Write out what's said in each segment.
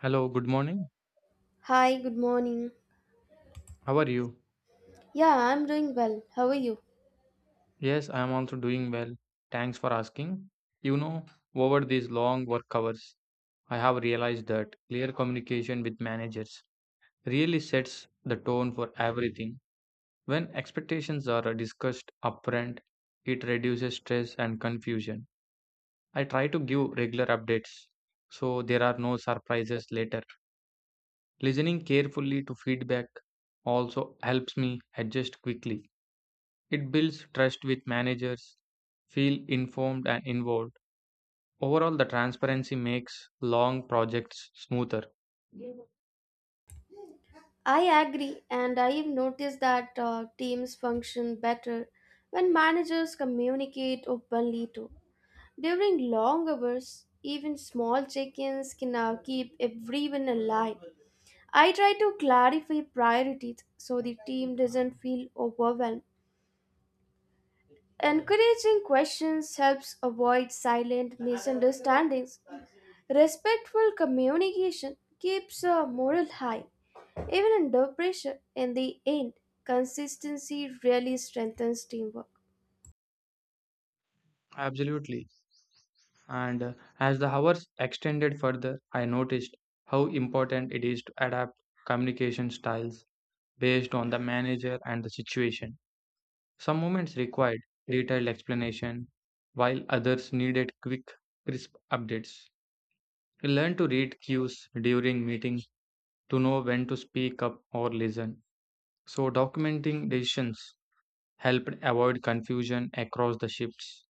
Hello, good morning. Hi, good morning. How are you? Yeah, I'm doing well. How are you? Yes, I am also doing well. Thanks for asking. You know, over these long work hours, I have realized that clear communication with managers really sets the tone for everything. When expectations are discussed upfront, it reduces stress and confusion. I try to give regular updates so there are no surprises later. Listening carefully to feedback also helps me adjust quickly. It builds trust with managers, feel informed and involved. Overall, the transparency makes long projects smoother. I agree, and I've noticed that teams function better when managers communicate openly too. During long hours, even small check ins can now keep everyone alive. I try to clarify priorities so the team doesn't feel overwhelmed. Encouraging questions helps avoid silent misunderstandings. Respectful communication keeps a moral high, even under pressure. In the end, consistency really strengthens teamwork. Absolutely. And As the hours extended further, I noticed how important it is to adapt communication styles based on the manager and the situation. Some moments required detailed explanation, while others needed quick, crisp updates. We learned to read cues during meetings to know when to speak up or listen. So documenting decisions helped avoid confusion across the shifts.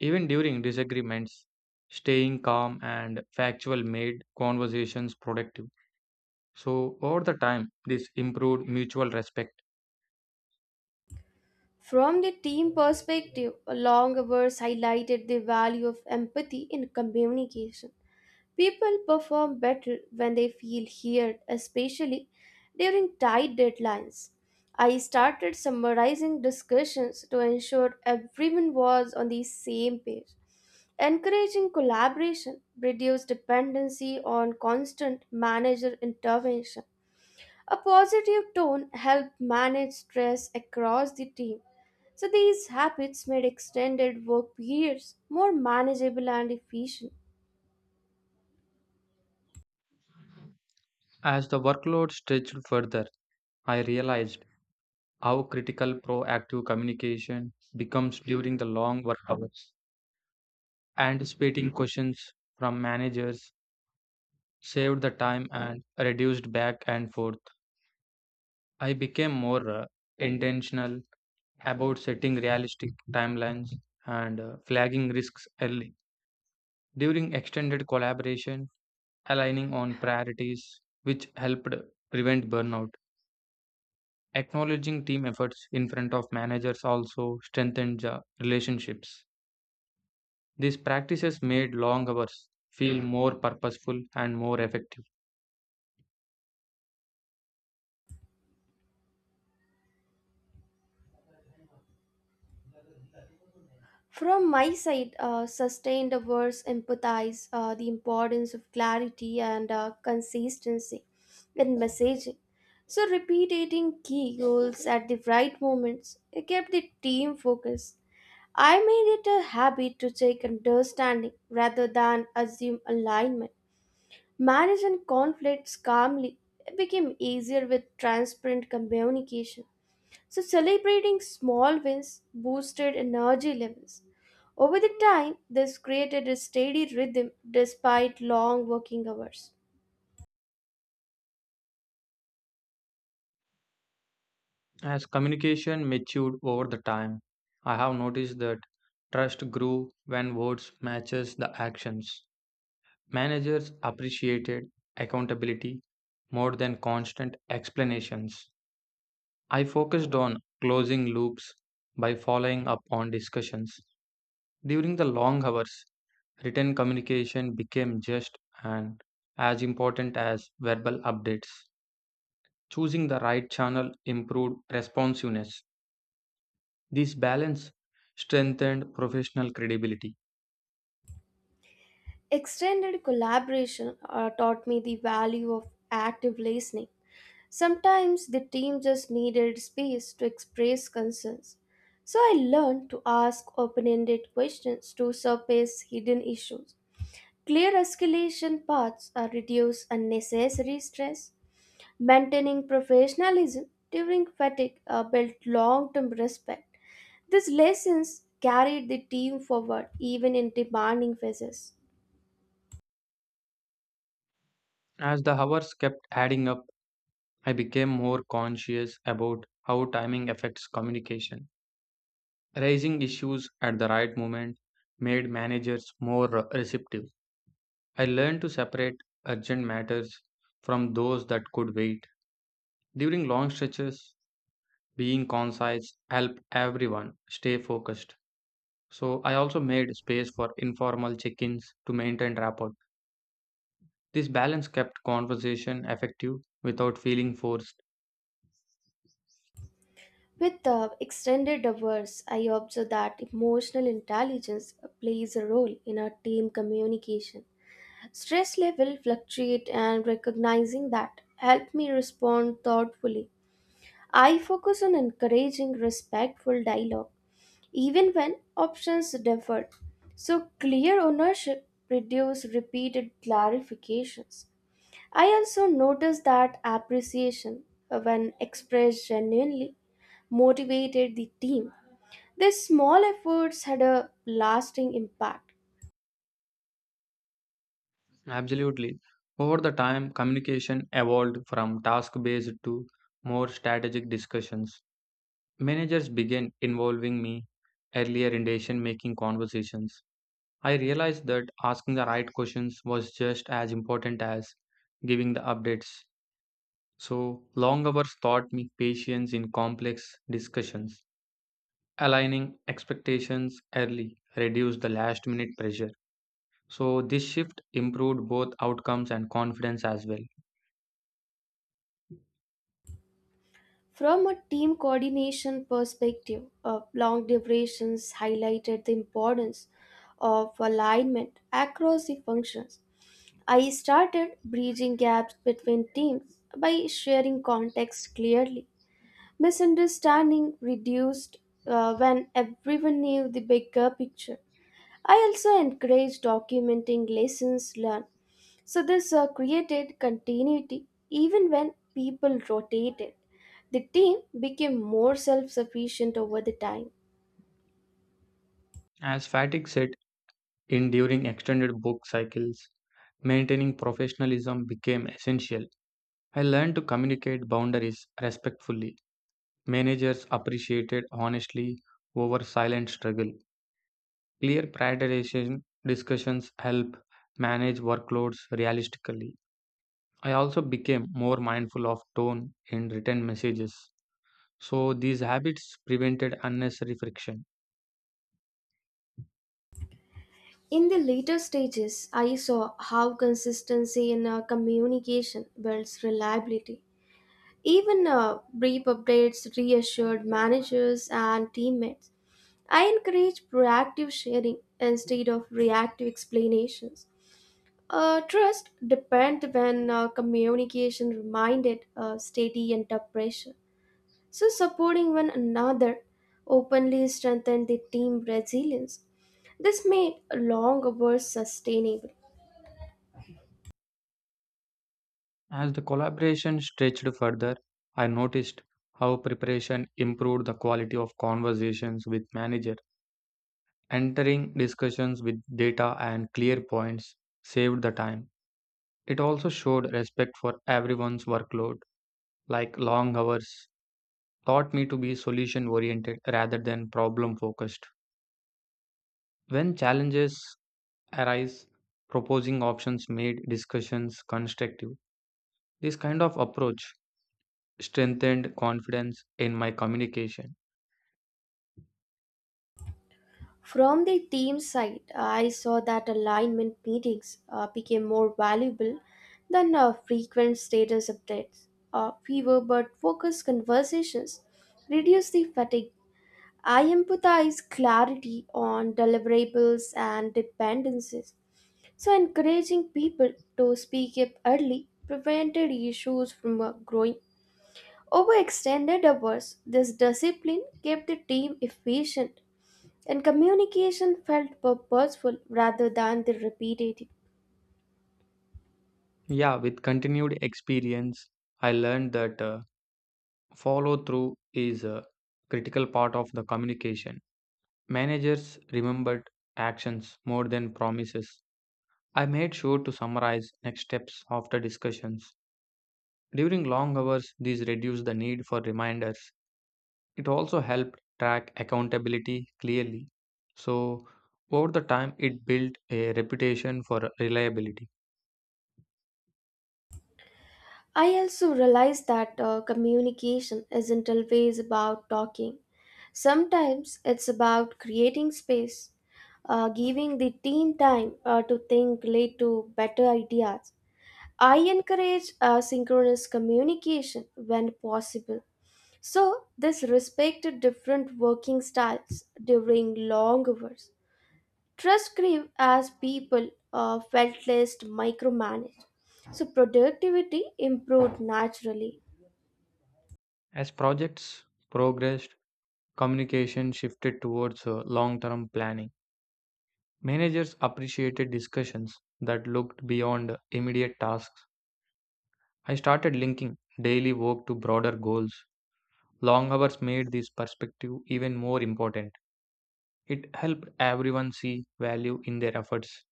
Even during disagreements, staying calm and factual made conversations productive. So over the time, this improved mutual respect. From the team perspective, long hours highlighted the value of empathy in communication. People perform better when they feel heard, especially during tight deadlines. I started summarizing discussions to ensure everyone was on the same page. Encouraging collaboration reduced dependency on constant manager intervention. A positive tone helped manage stress across the team. So, these habits made extended work periods more manageable and efficient. As the workload stretched further, I realized how critical proactive communication becomes during the long work hours. Anticipating questions from managers saved the time and reduced back and forth. I became more intentional about setting realistic timelines and flagging risks early. During extended collaboration, aligning on priorities, which helped prevent burnout. Acknowledging team efforts in front of managers also strengthened the relationships. These practices made long hours feel more purposeful and more effective. From my side, sustained words empathize the importance of clarity and consistency in messaging. So, repeating key goals at the right moments it kept the team focused. I made it a habit to check understanding rather than assume alignment. Managing conflicts calmly it became easier with transparent communication. So, celebrating small wins boosted energy levels. Over the time, this created a steady rhythm despite long working hours. As communication matured over the time, I have noticed that trust grew when words matches the actions. Managers appreciated accountability more than constant explanations. I focused on closing loops by following up on discussions. During the long hours, written communication became just and as important as verbal updates. Choosing the right channel improved responsiveness. This balance strengthened professional credibility. Extended collaboration taught me the value of active listening. Sometimes the team just needed space to express concerns. So I learned to ask open ended questions to surface hidden issues. Clear escalation paths reduce unnecessary stress. Maintaining professionalism during fatigue built long term respect. These lessons carried the team forward even in demanding phases. As the hours kept adding up, I became more conscious about how timing affects communication. Raising issues at the right moment made managers more receptive. I learned to separate urgent matters from those that could wait. During long stretches, being concise helped everyone stay focused. So I also made space for informal check-ins to maintain rapport. This balance kept conversation effective without feeling forced. With extended hours, I observe that emotional intelligence plays a role in our team communication. Stress level fluctuate and recognizing that helped me respond thoughtfully. I focus on encouraging respectful dialogue even when options differed. So, clear ownership produced repeated clarifications. I also noticed that appreciation, when expressed genuinely, motivated the team. These small efforts had a lasting impact. Absolutely. Over the time, communication evolved from task based to more strategic discussions. Managers began involving me earlier in decision making conversations. I realized that asking the right questions was just as important as giving the updates. So, long hours taught me patience in complex discussions. Aligning expectations early reduced the last minute pressure. So, this shift improved both outcomes and confidence as well. From a team coordination perspective, long durations highlighted the importance of alignment across the functions. I started bridging gaps between teams by sharing context clearly. Misunderstanding reduced when everyone knew the bigger picture. I also encouraged documenting lessons learned. So this created continuity even when people rotated. The team became more self sufficient over the time. As Fatigue said in during extended book cycles, maintaining professionalism became essential. I learned to communicate boundaries respectfully. Managers appreciated honestly over silent struggle. Clear prioritization discussions help manage workloads realistically. I also became more mindful of tone in written messages. So these habits prevented unnecessary friction. In the later stages, I saw how consistency in our communication builds reliability. Even brief updates reassured managers and teammates. I encourage proactive sharing instead of reactive explanations. Trust depends when communication reminded steady under pressure. So supporting one another openly strengthened the team resilience. This made long hours sustainable. As the collaboration stretched further, I noticed how preparation improved the quality of conversations with manager. Entering discussions with data and clear points saved the time. It also showed respect for everyone's workload, like long hours, taught me to be solution oriented rather than problem focused. When challenges arise, proposing options made discussions constructive. This kind of approach strengthened confidence in my communication. From the team side, I saw that alignment meetings became more valuable than frequent status updates. Fewer but focused conversations reduce the fatigue. I empathize clarity on deliverables and dependencies. So, encouraging people to speak up early prevented issues from growing. Over extended hours, this discipline kept the team efficient and communication felt purposeful rather than the repetitive. Yeah, with continued experience, I learned that follow through is a critical part of the communication. Managers remembered actions more than promises. I made sure to summarize next steps after discussions. During long hours, these reduced the need for reminders. It also helped track accountability clearly. So, over the time, it built a reputation for reliability. I also realized that communication isn't always about talking. Sometimes it's about creating space, giving the team time to think, lead to better ideas. I encourage synchronous communication when possible. So, this respected different working styles during long hours. Trust grew as people felt less micromanaged, so productivity improved naturally. As projects progressed, communication shifted towards long term planning. Managers appreciated discussions that looked beyond immediate tasks. I started linking daily work to broader goals. Long hours made this perspective even more important. It helped everyone see value in their efforts.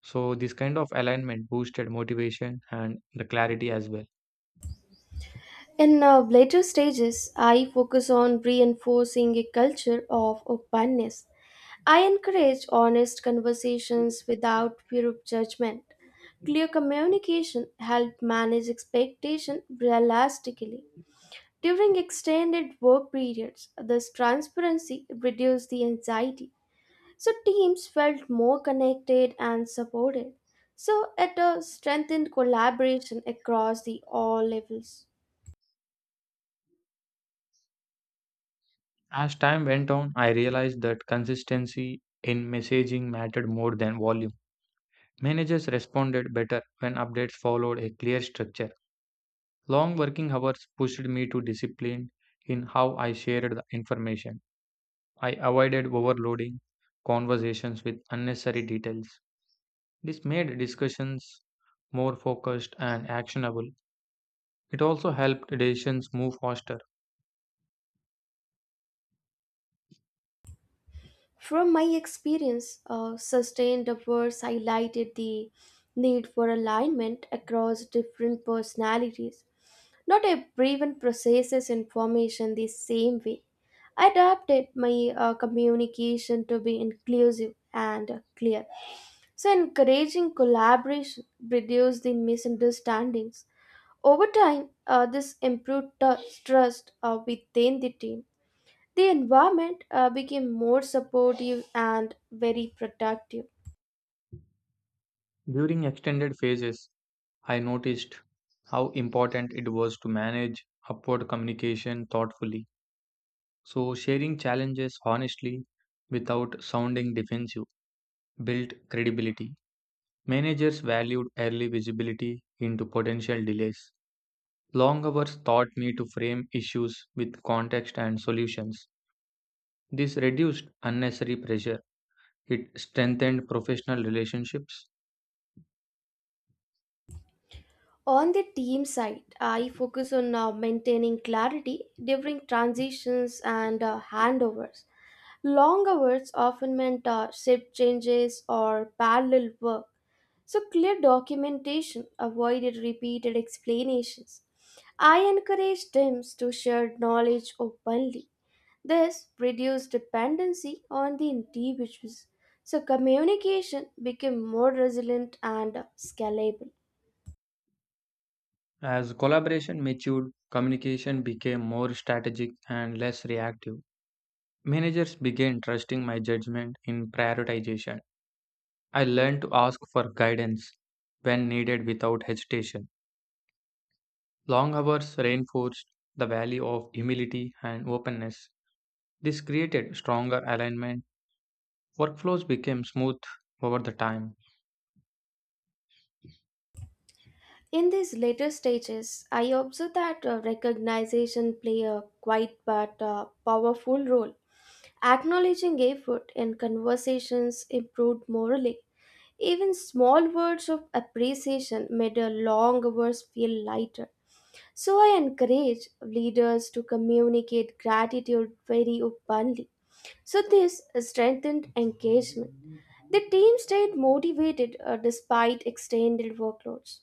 So, this kind of alignment boosted motivation and the clarity as well. In later stages, I focus on reinforcing a culture of openness. I encourage honest conversations without fear of judgment. Clear communication helps manage expectation realistically. During extended work periods, this transparency reduces the anxiety. So teams felt more connected and supported. So it strengthened collaboration across the all levels. As time went on, I realized that consistency in messaging mattered more than volume. Managers responded better when updates followed a clear structure. Long working hours pushed me to discipline in how I shared the information. I avoided overloading conversations with unnecessary details. This made discussions more focused and actionable. It also helped decisions move faster. From my experience, sustained efforts highlighted the need for alignment across different personalities. Not everyone processes information the same way. I adapted my communication to be inclusive and clear. So, encouraging collaboration reduced the misunderstandings. Over time, this improved trust within the team. The environment became more supportive and very productive. During extended phases, I noticed how important it was to manage upward communication thoughtfully. So, sharing challenges honestly without sounding defensive built credibility. Managers valued early visibility into potential delays. Long hours taught me to frame issues with context and solutions. This reduced unnecessary pressure. It strengthened professional relationships. On the team side, I focus on maintaining clarity during transitions and handovers. Long hours often meant shift changes or parallel work. So clear documentation avoided repeated explanations. I encourage teams to share knowledge openly. This reduced dependency on the individuals, so communication became more resilient and scalable. As collaboration matured, communication became more strategic and less reactive. Managers began trusting my judgment in prioritization. I learned to ask for guidance when needed without hesitation. Long hours reinforced the value of humility and openness. This created stronger alignment. Workflows became smooth over the time. In these later stages, I observed that recognition play a quite but powerful role. Acknowledging effort in conversations improved morally. Even small words of appreciation made a long hours feel lighter. So I encourage leaders to communicate gratitude very openly. So this strengthened engagement. The team stayed motivated despite extended workloads.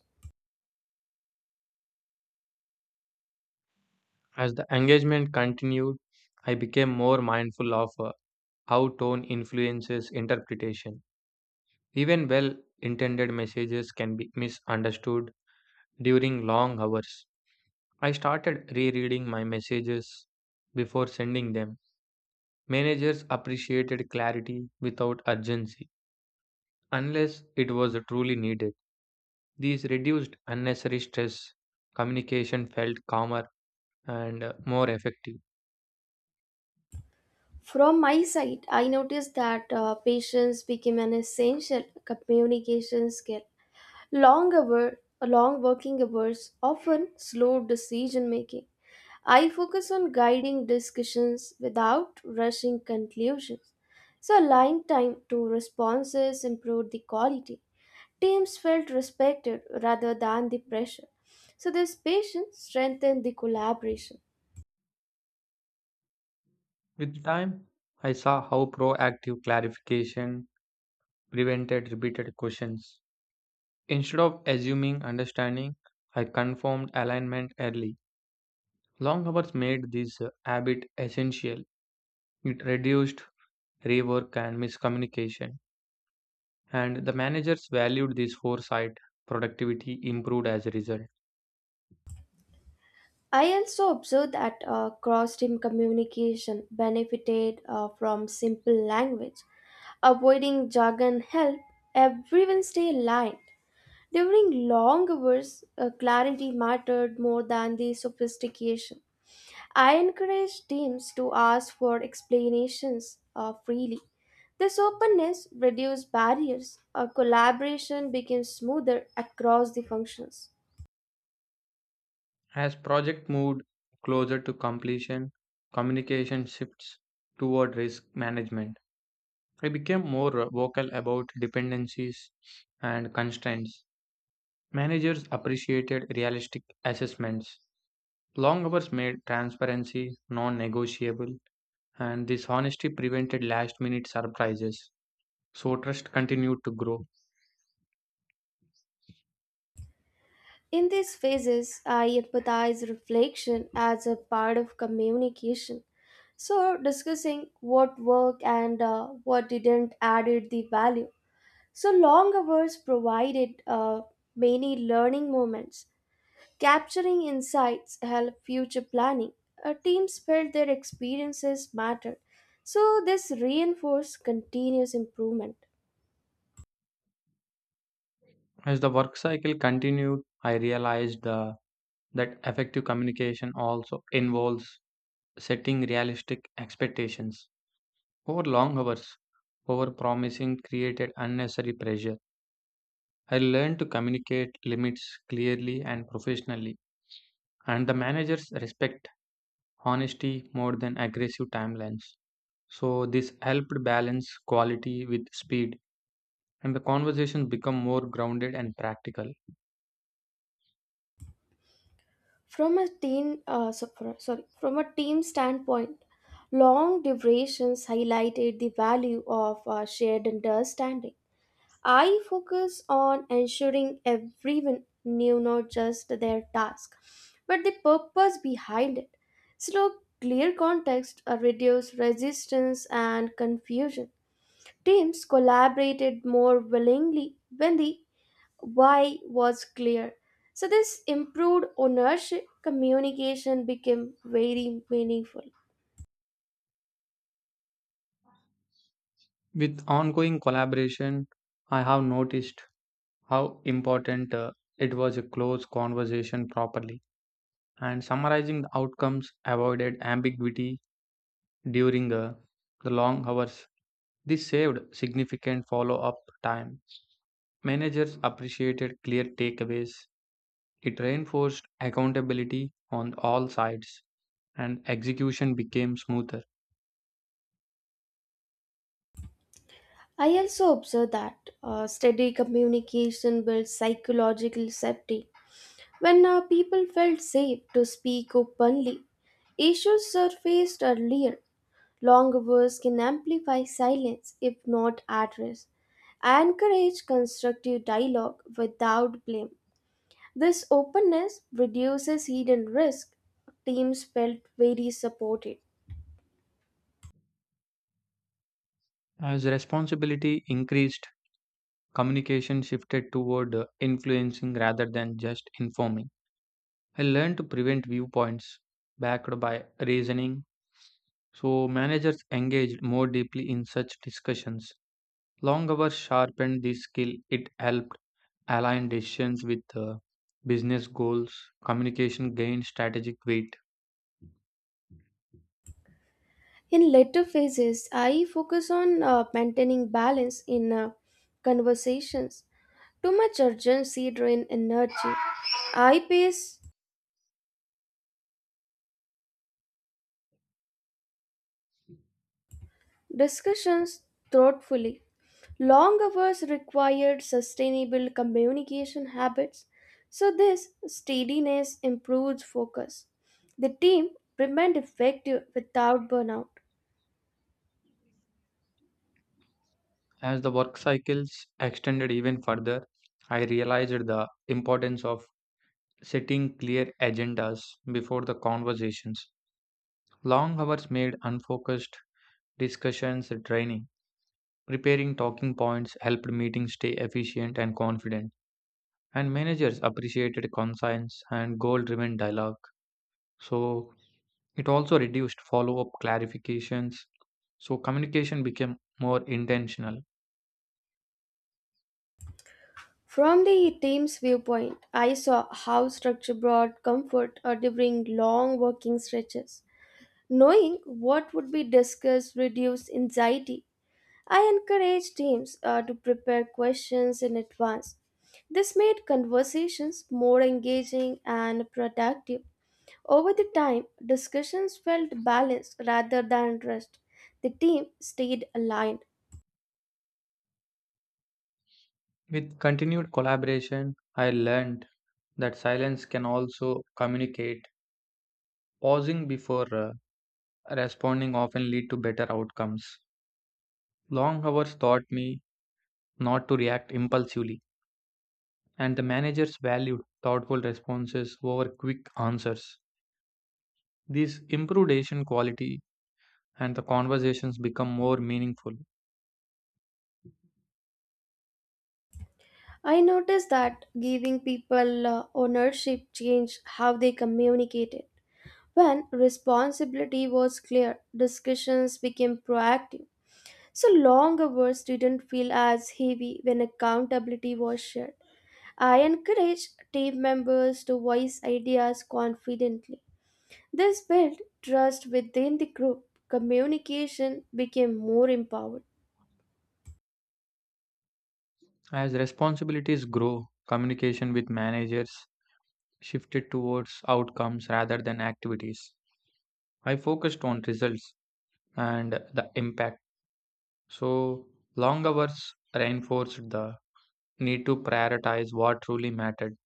As the engagement continued, I became more mindful of how tone influences interpretation. Even well intended messages can be misunderstood during long hours. I started rereading my messages before sending them. Managers appreciated clarity without urgency, unless it was truly needed. These reduced unnecessary stress, communication felt calmer and more effective. From my side, I noticed that patience became an essential communication skill. Long working hours often slowed decision making. I focus on guiding discussions without rushing conclusions. So, aligned time to responses improved the quality. Teams felt respected rather than the pressure. So, this patience strengthened the collaboration. With time, I saw how proactive clarification prevented repeated questions. Instead of assuming understanding, I confirmed alignment early. Long hours made this habit essential. It reduced rework and miscommunication, and the managers valued this foresight. Productivity improved as a result. I also observed that cross team communication benefited from simple language. Avoiding jargon helped everyone stay aligned. During long hours, clarity mattered more than the sophistication. I encourage teams to ask for explanations freely. This openness reduces barriers, our collaboration becomes smoother across the functions. As project moved closer to completion, communication shifts toward risk management. I became more vocal about dependencies and constraints. Managers appreciated realistic assessments. Long hours made transparency non negotiable, and this honesty prevented last minute surprises. So, trust continued to grow. In these phases, I empathize reflection as a part of communication. So, discussing what worked and what didn't added the value. So, long hours provided many learning moments. Capturing insights help future planning. Our teams felt their experiences mattered, so this reinforced continuous improvement. As the work cycle continued, I realized the that effective communication also involves setting realistic expectations over long hours. Over promising created unnecessary pressure. I learned to communicate limits clearly and professionally, and the managers respect honesty more than aggressive timelines. So this helped balance quality with speed, and the conversations become more grounded and practical. From a team, from a team standpoint, long durations highlighted the value of shared understanding. I focus on ensuring everyone knew not just their task, but the purpose behind it. So, clear context reduce resistance and confusion. Teams collaborated more willingly when the why was clear. So, this improved ownership communication became very meaningful. With ongoing collaboration, I have noticed how important it was a close conversation properly, and summarizing the outcomes avoided ambiguity during the long hours. This saved significant follow up time. Managers appreciated clear takeaways. It reinforced accountability on all sides and execution became smoother. I also observe that steady communication builds psychological safety. When people felt safe to speak openly, issues surfaced earlier. Long words can amplify silence if not addressed. Encourage constructive dialogue without blame. This openness reduces hidden risk. Teams felt very supported. As responsibility increased, communication shifted toward influencing rather than just informing. I learned to prevent viewpoints backed by reasoning, so managers engaged more deeply in such discussions. Long hours sharpened this skill. It helped align decisions with business goals. Communication gained strategic weight. In later phases, I focus on maintaining balance in conversations. Too much urgency drains energy. I pace discussions thoughtfully. Long hours required sustainable communication habits, so this steadiness improves focus. The team remained effective without burnout. As the work cycles extended even further, I realized the importance of setting clear agendas before the conversations. Long hours made unfocused discussions draining. Preparing talking points helped meetings stay efficient and confident, and managers appreciated conscience and goal driven dialogue. So, it also reduced follow up clarifications. So, communication became more intentional. From the team's viewpoint, I saw how structure brought comfort during long working stretches. Knowing what would be discussed reduced anxiety. I encouraged teams to prepare questions in advance. This made conversations more engaging and productive. Over the time, discussions felt balanced rather than rushed. The team stayed aligned. With continued collaboration, I learned that silence can also communicate. Pausing before responding often lead to better outcomes. Long hours taught me not to react impulsively, and the managers valued thoughtful responses over quick answers. This improved Asian quality and the conversations become more meaningful. I noticed that giving people ownership changed how they communicated. When responsibility was clear, discussions became proactive. So long hours didn't feel as heavy when accountability was shared. I encourage team members to voice ideas confidently. This built trust within the group. Communication became more empowered. As responsibilities grow, communication with managers shifted towards outcomes rather than activities. I focused on results and the impact. So, long hours reinforced the need to prioritize what truly mattered.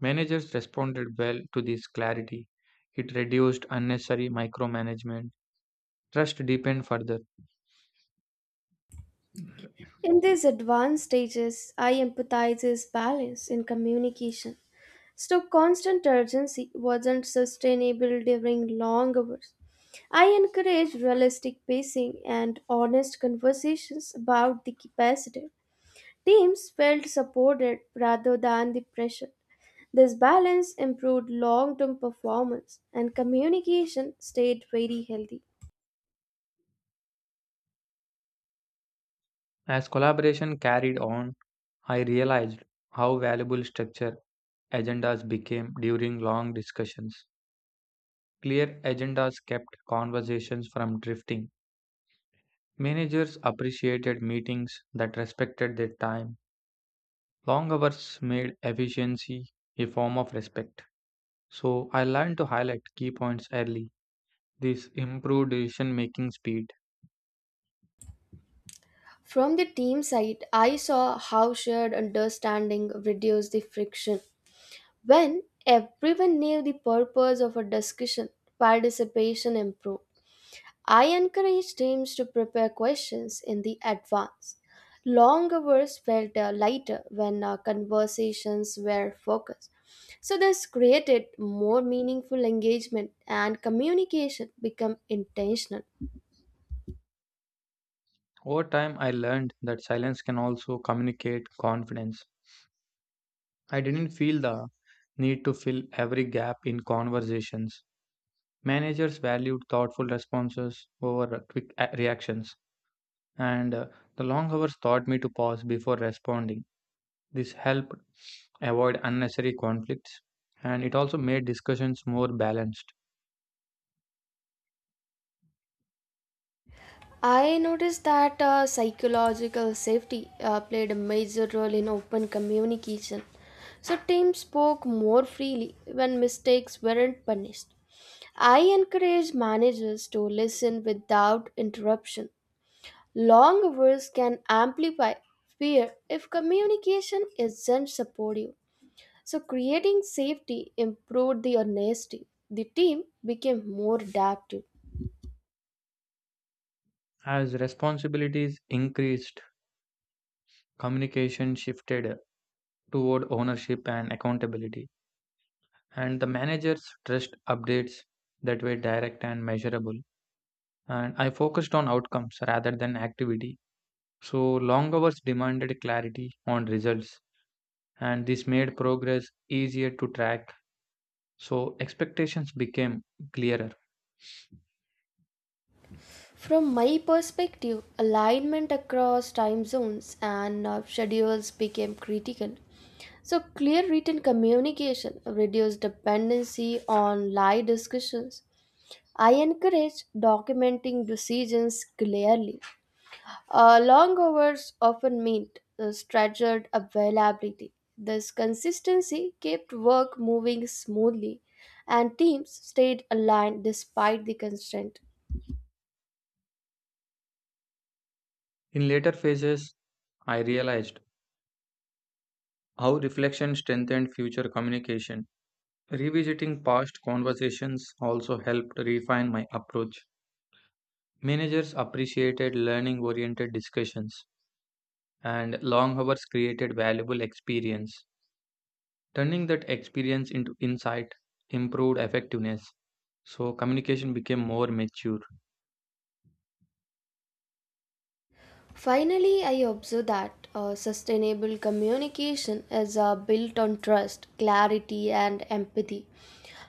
Managers responded well to this clarity. It reduced unnecessary micromanagement. Trust deepened further. In these advanced stages, I empathizes balance in communication. So constant urgency wasn't sustainable during long hours. I encourage realistic pacing and honest conversations about the capacity. Teams felt supported rather than the pressure. This balance improved long term performance and communication stayed very healthy. As collaboration carried on, I realized how valuable structure agendas became during long discussions. Clear agendas kept conversations from drifting. Managers appreciated meetings that respected their time. Long hours made efficiency a form of respect. So I learned to highlight key points early. This improved decision making speed. From the team side, I saw how shared understanding reduced the friction. When everyone knew the purpose of a discussion, participation improved. I encourage teams to prepare questions in the advance. Long hours felt lighter when conversations were focused. So this created more meaningful engagement and communication become intentional. Over time, I learned that silence can also communicate confidence. I didn't feel the need to fill every gap in conversations. Managers valued thoughtful responses over reactions, and the long hours taught me to pause before responding. This helped avoid unnecessary conflicts, and it also made discussions more balanced. I noticed that psychological safety played a major role in open communication. So teams spoke more freely when mistakes weren't punished. I encourage managers to listen without interruption. Long hours can amplify fear if communication isn't supportive. So creating safety improved the honesty. The team became more adaptive. As responsibilities increased, communication shifted toward ownership and accountability, and the managers trust updates that were direct and measurable, and I focused on outcomes rather than activity. So, long hours demanded clarity on results, and this made progress easier to track. So, expectations became clearer. From my perspective, alignment across time zones and schedules became critical. So, clear written communication reduced dependency on live discussions. I encourage documenting decisions clearly. Long hours often meant stretched availability. This consistency kept work moving smoothly, and teams stayed aligned despite the constraint. In later phases, I realized how reflection strengthened future communication. Revisiting past conversations also helped refine my approach. Managers appreciated learning oriented discussions, and long hours created valuable experience. Turning that experience into insight improved effectiveness. So, communication became more mature. Finally, I observe that sustainable communication is built on trust, clarity, and empathy.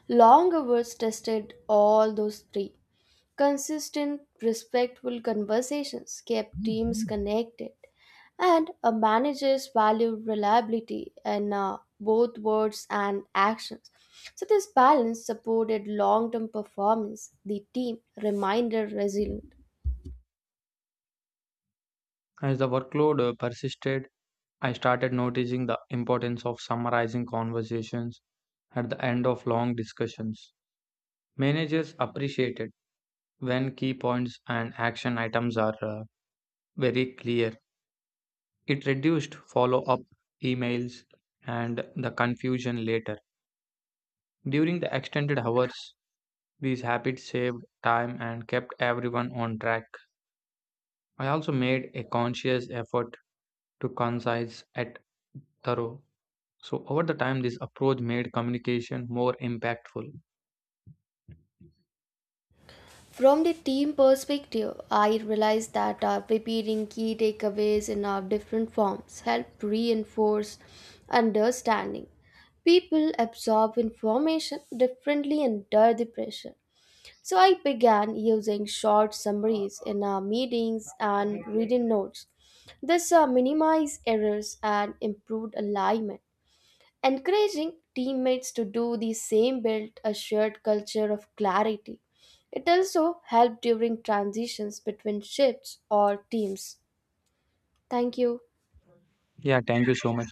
Long hours tested all those three. Consistent, respectful conversations kept teams connected, and a manager's value reliability in both words and actions. So, this balance supported long term performance, the team remained resilient. As the workload persisted, I started noticing the importance of summarizing conversations at the end of long discussions. Managers appreciated when key points and action items are very clear. It reduced follow up emails and the confusion later. During the extended hours, these habits saved time and kept everyone on track. I also made a conscious effort to concise it thorough. So over the time this approach made communication more impactful. From the team perspective, I realized that preparing key takeaways in different forms help reinforce understanding. People absorb information differently under the pressure. So I began using short summaries in our meetings and reading notes. This minimized errors and improved alignment. Encouraging teammates to do the same built a shared culture of clarity. It also helped during transitions between shifts or teams. Thank you. Yeah, thank you so much.